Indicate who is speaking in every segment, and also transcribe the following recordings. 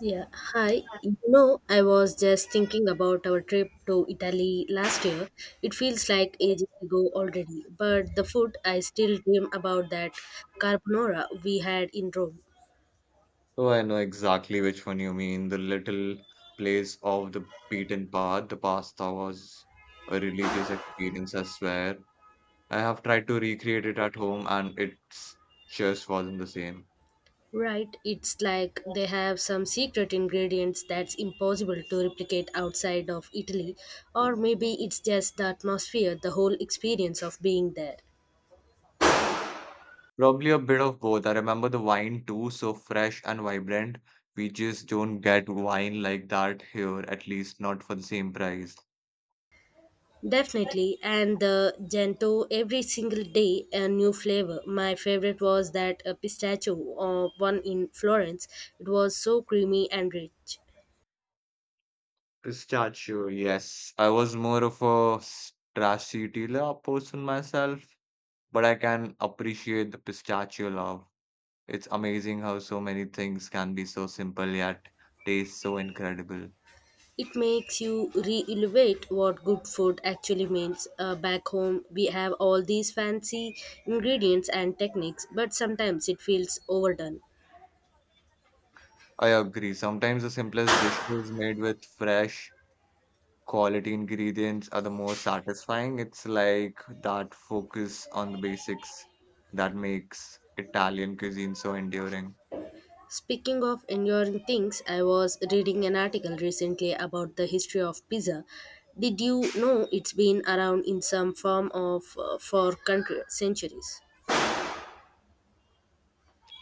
Speaker 1: Yeah, hi. You know, I was just thinking about our trip to Italy last year. It feels like ages ago already, but the food I still dream about that carbonara we had in Rome.
Speaker 2: Oh, I know exactly which one you mean. The little place off the beaten path. The pasta was a religious experience, I swear. I have tried to recreate it at home and it just wasn't the same.
Speaker 1: Right, it's like they have some secret ingredients that's impossible to replicate outside of Italy, or maybe it's just the atmosphere, the whole experience of being there.
Speaker 2: Probably a bit of both. I remember the wine too, so fresh and vibrant. We just don't get wine like that here, at least not for the same price.
Speaker 1: Definitely, and the gento every single day a new flavor. My favorite was that pistachio one in Florence. It was so creamy and rich.
Speaker 2: Pistachio, yes. I was more of a stracciatella person myself but I can appreciate the pistachio love. It's amazing how so many things can be so simple yet taste so incredible.
Speaker 1: It makes you re-evaluate what good food actually means. Back home, we have all these fancy ingredients and techniques, but sometimes it feels overdone.
Speaker 2: I agree. Sometimes the simplest dishes made with fresh quality ingredients are the most satisfying. It's like that focus on the basics that makes Italian cuisine so enduring.
Speaker 1: Speaking of enduring things, I was reading an article recently about the history of pizza. Did you know it's been around in some form of for country, centuries?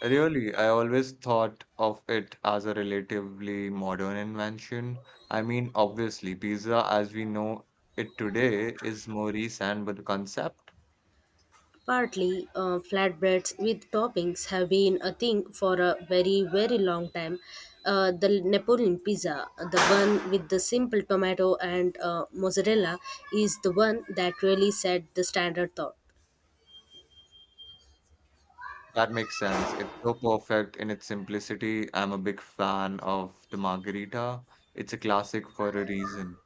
Speaker 2: Really, I always thought of it as a relatively modern invention. I mean, obviously, pizza as we know it today is more recent, but the concept
Speaker 1: Partly, flatbreads with toppings have been a thing for a very, very long time. The Napoleon pizza, the one with the simple tomato and mozzarella, is the one that really set the standard thought.
Speaker 2: that makes sense. It's so perfect in its simplicity. I'm a big fan of the margherita. It's a classic for a reason.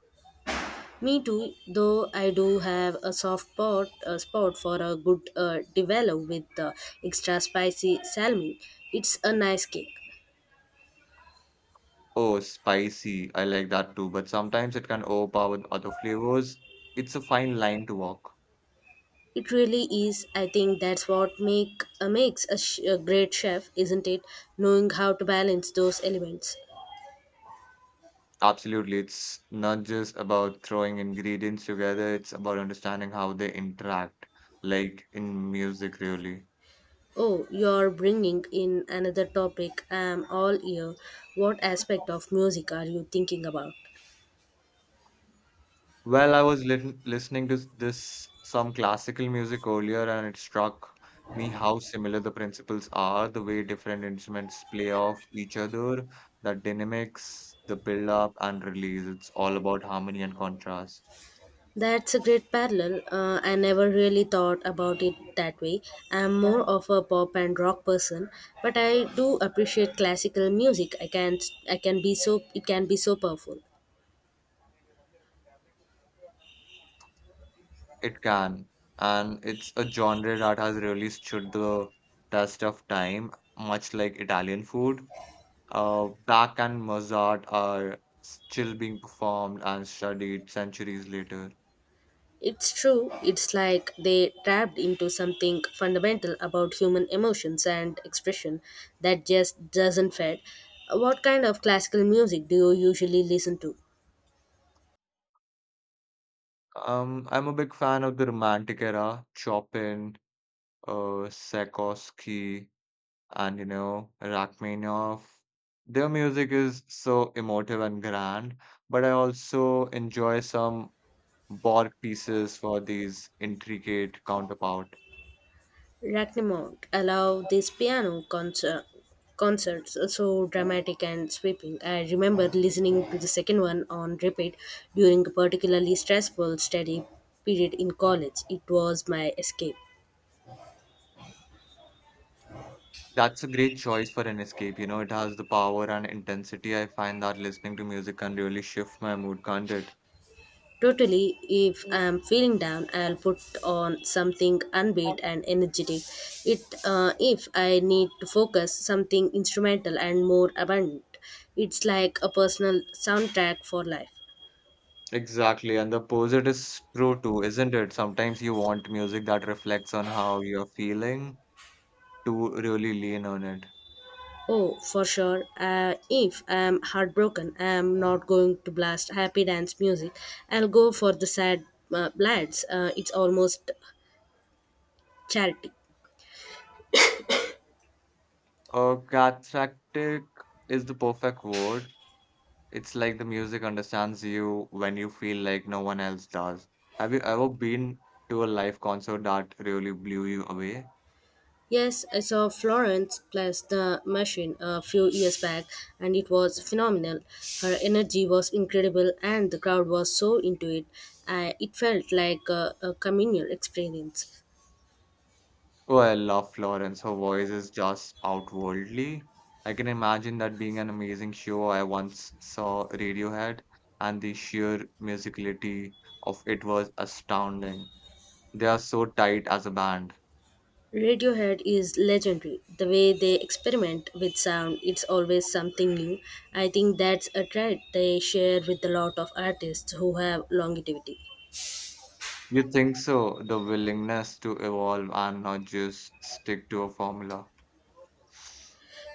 Speaker 1: Me too, though I do have a soft spot, a spot for a good devil with extra spicy salmon. It's a nice cake.
Speaker 2: Oh, spicy. I like that too, but sometimes it can overpower the other flavors. It's a fine line to walk.
Speaker 1: It really is. I think that's what makes a great chef, isn't it? Knowing how to balance those elements.
Speaker 2: Absolutely. It's not just about throwing ingredients together, it's about understanding how they interact, like in music, really.
Speaker 1: Oh, you're bringing in another topic. I'm all ear. What aspect of music are you thinking about?
Speaker 2: Well, I was lit listening to this some classical music earlier, and it struck me how similar the principles are, the way different instruments play off each other, the dynamics, the build up and release. It's all about harmony and contrast.
Speaker 1: That's a great parallel. I never really thought about it that way. I'm more of a pop and rock person, but I do appreciate classical music. I can be so it can be so powerful.
Speaker 2: It can, and it's a genre that has really stood the test of time, much like Italian food. Bach and Mozart are still being performed and studied centuries later.
Speaker 1: It's true. It's like they tapped into something fundamental about human emotions and expression that just doesn't fade. What kind of classical music do you usually listen to?
Speaker 2: I'm a big fan of the Romantic era, Chopin, Tchaikovsky, and Rachmaninoff. Their music is so emotive and grand, but I also enjoy some Borg pieces for these intricate counterpart.
Speaker 1: Ragnarok allowed these concerts so dramatic and sweeping. I remember listening to the second one on repeat during a particularly stressful study period in college. It was my escape.
Speaker 2: That's a great choice for an escape. You know it has the power and intensity. I find that listening to music can really shift my mood, can't it?
Speaker 1: Totally, if I'm feeling down, I'll put on something upbeat and energetic. If I need to focus, something instrumental and more abundant. It's like a personal soundtrack for life.
Speaker 2: Exactly, and the opposite is true too, isn't it? Sometimes you want music that reflects on how you're feeling to really lean on it.
Speaker 1: Oh, for sure. If I'm heartbroken, I'm not going to blast happy dance music. I'll go for the sad lads. It's almost charity.
Speaker 2: Cathartic is the perfect word. It's like the music understands you when you feel like no one else does. Have you ever been to a live concert that really blew you away?
Speaker 1: Yes, I saw Florence plus the machine a few years back, and it was phenomenal. Her energy was incredible, and the crowd was so into it. It felt like a communal experience.
Speaker 2: Oh, I love Florence. Her voice is just outworldly. I can imagine that being an amazing show. I once saw Radiohead, and the sheer musicality of it was astounding. They are so tight as a band.
Speaker 1: Radiohead is legendary. The way they experiment with sound, it's always something new. I think that's a trait they share with a lot of artists who have longevity.
Speaker 2: You think so? The willingness to evolve and not just stick to a formula.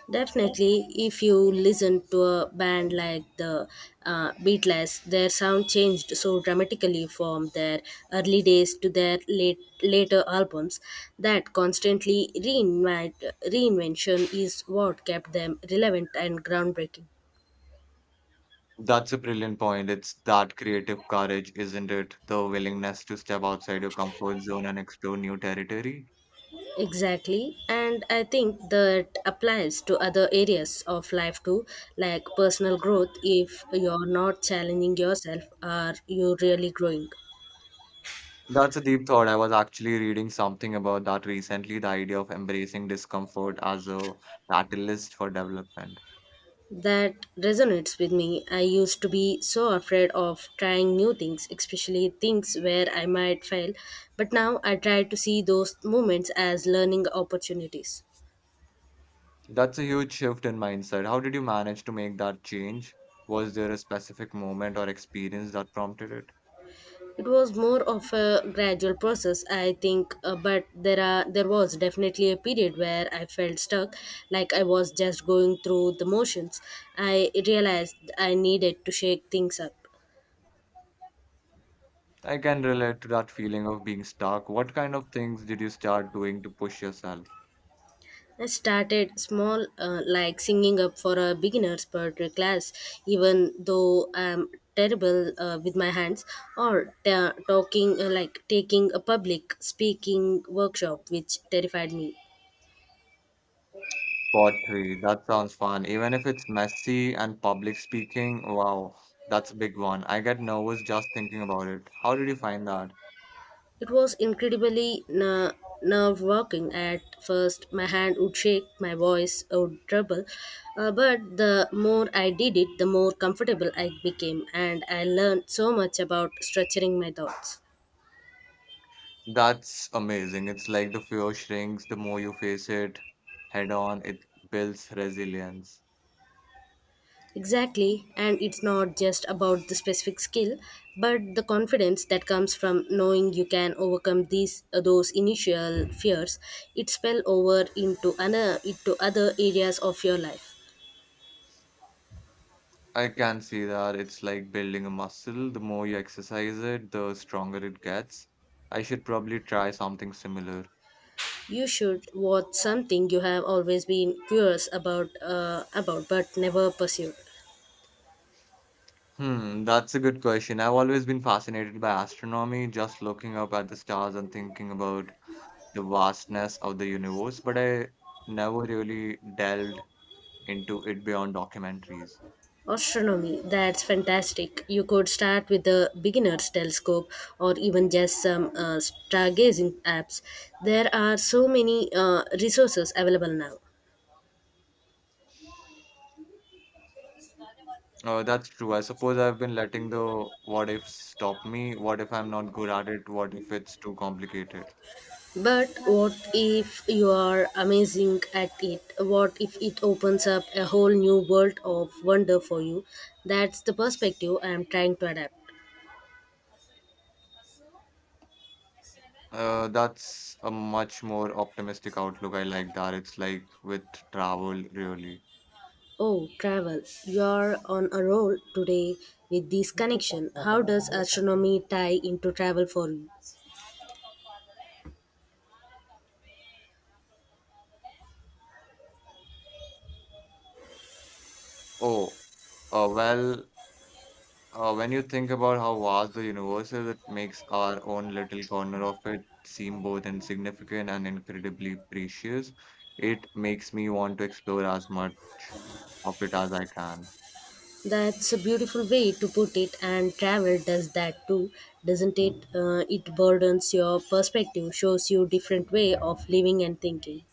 Speaker 1: Definitely, if you listen to a band like the Beatles, their sound changed so dramatically from their early days to their late, later albums that reinvention is what kept them relevant and groundbreaking.
Speaker 2: That's a brilliant point. It's that creative courage, isn't it? The willingness to step outside your comfort zone and explore new territory.
Speaker 1: Exactly. And I think that applies to other areas of life too, like personal growth. If you're not challenging yourself, are you really growing?
Speaker 2: That's a deep thought. I was actually reading something about that recently, the idea of embracing discomfort as a catalyst for development.
Speaker 1: That resonates with me. I used to be so afraid of trying new things, especially things where I might fail. But now I try to see those moments as learning opportunities.
Speaker 2: That's a huge shift in mindset. How did you manage to make that change? Was there a specific moment or experience that prompted it?
Speaker 1: It was more of a gradual process, I think, but there was definitely a period where I felt stuck, like I was just going through the motions. I realized I needed to shake things up.
Speaker 2: I can relate to that feeling of being stuck. What kind of things did you start doing to push yourself?
Speaker 1: I started small, like singing up for a beginner's poetry class, even though I'm terrible with my hands, or ta- talking like taking a public speaking workshop, which terrified me.
Speaker 2: Pottery, that sounds fun. Even if it's messy and public speaking, wow, that's a big one. I get nervous just thinking about it. How did you find that?
Speaker 1: It was incredibly nerve wracking at first. My hand would shake, my voice would tremble, but the more I did it, the more comfortable I became, and I learned so much about structuring my thoughts.
Speaker 2: That's amazing. It's like the fear shrinks the more you face it head on, it builds resilience.
Speaker 1: Exactly, and it's not just about the specific skill, but the confidence that comes from knowing you can overcome these those initial fears. It spill over into other areas of your life.
Speaker 2: I can see that. It's like building a muscle. The more you exercise it, the stronger it gets. I should probably try something similar.
Speaker 1: You should watch something you have always been curious about but never pursued.
Speaker 2: Hmm, that's a good question. I've always been fascinated by astronomy, just looking up at the stars and thinking about the vastness of the universe, but I never really delved into it beyond documentaries.
Speaker 1: Astronomy, that's fantastic. You could start with the beginner's telescope or even just some stargazing apps. There are so many resources available now.
Speaker 2: That's true. I suppose I've been letting the what ifs stop me. What if I'm not good at it? What if it's too complicated?
Speaker 1: But what if you are amazing at it? What if it opens up a whole new world of wonder for you? That's the perspective I am trying to adapt.
Speaker 2: That's a much more optimistic outlook. I like that. It's like with travel, really.
Speaker 1: Oh, travel. You're on a roll today with this connection. How does astronomy tie into travel for you?
Speaker 2: Oh, well, when you think about how vast the universe is, it makes our own little corner of it seem both insignificant and incredibly precious. It makes me want to explore as much of it as I can.
Speaker 1: That's a beautiful way to put it, and travel does that too, doesn't it? It broadens your perspective, shows you different way of living and thinking.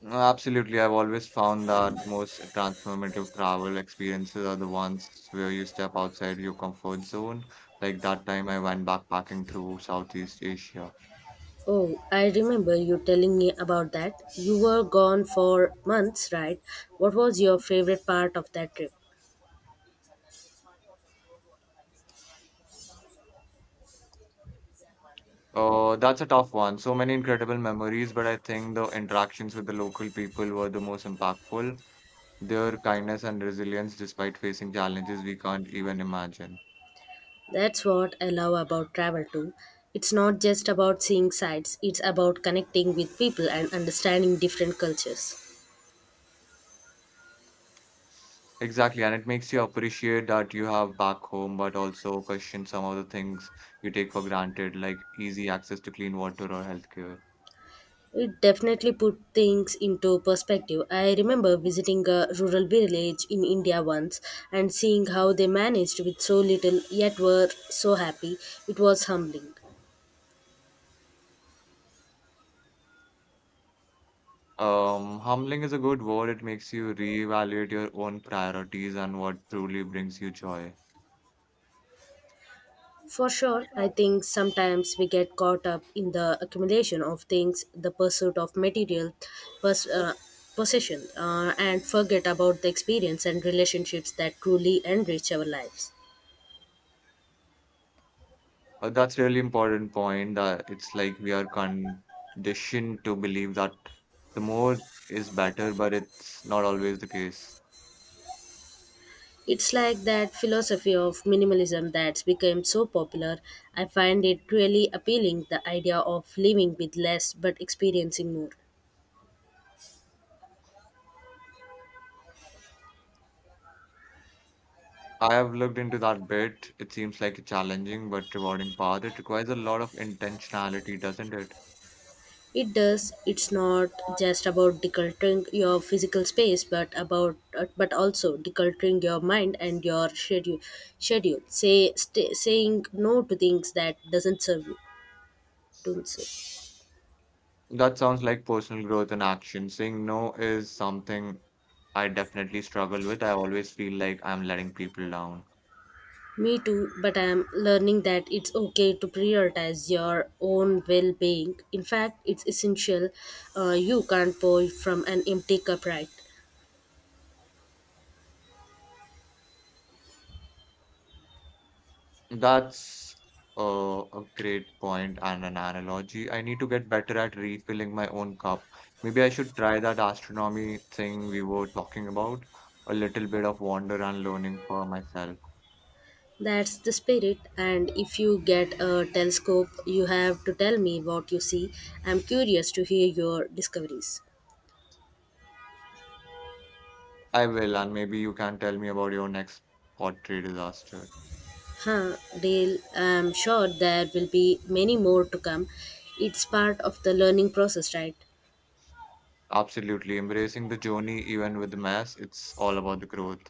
Speaker 2: No, absolutely, I've always found that the most transformative travel experiences are the ones where you step outside your comfort zone. Like that time I went backpacking through Southeast Asia.
Speaker 1: Oh, I remember you telling me about that. You were gone for months, right? What was your favorite part of that trip?
Speaker 2: That's a tough one. So many incredible memories, but I think the interactions with the local people were the most impactful. Their kindness and resilience, despite facing challenges we can't even imagine.
Speaker 1: That's what I love about travel too. It's not just about seeing sights, it's about connecting with people and understanding different cultures.
Speaker 2: Exactly, and it makes you appreciate that you have back home, but also question some of the things you take for granted, like easy access to clean water or healthcare.
Speaker 1: It definitely put things into perspective. I remember visiting a rural village in India once and seeing how they managed with so little yet were so happy. It was humbling.
Speaker 2: Humbling is a good word. It makes you reevaluate your own priorities and what truly brings you joy.
Speaker 1: For sure, I think sometimes we get caught up in the accumulation of things, the pursuit of material pers- uh, possession, and forget about the experience and relationships that truly enrich our lives.
Speaker 2: That's really important point that it's like we are conditioned to believe that the more is better, but it's not always the case.
Speaker 1: It's like that philosophy of minimalism that's become so popular. I find it really appealing the idea of living with less but experiencing more.
Speaker 2: I have looked into that bit. It seems like a challenging but rewarding path. It requires a lot of intentionality, doesn't it?
Speaker 1: It does. It's not just about decluttering your physical space, but about but also decluttering your mind and your schedule. Schedule. Saying no to things that doesn't serve you. Don't say.
Speaker 2: That sounds like personal growth in action. Saying no is something I definitely struggle with. I always feel like I'm letting people down.
Speaker 1: Me too. But I'm learning that it's okay to prioritize your own well-being. In fact, it's essential. You can't pour from an empty cup, right?
Speaker 2: That's a great point and an analogy. I need to get better at refilling my own cup. Maybe I should try that astronomy thing we were talking about. A little bit of wonder and learning for myself.
Speaker 1: That's the spirit. And if you get a telescope, you have to tell me what you see. I'm curious to hear your discoveries.
Speaker 2: I will, and maybe you can tell me about your next pottery disaster.
Speaker 1: Huh, Dale, I'm sure there will be many more to come. It's part of the learning process, right?
Speaker 2: Absolutely. Embracing the journey, even with the mess, it's all about the growth.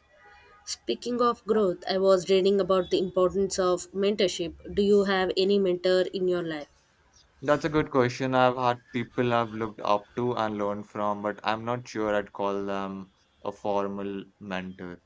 Speaker 1: Speaking of growth, I was reading about the importance of mentorship. Do you have any mentor in your life?
Speaker 2: That's a good question. I've had people I've looked up to and learned from, but I'm not sure I'd call them a formal mentor.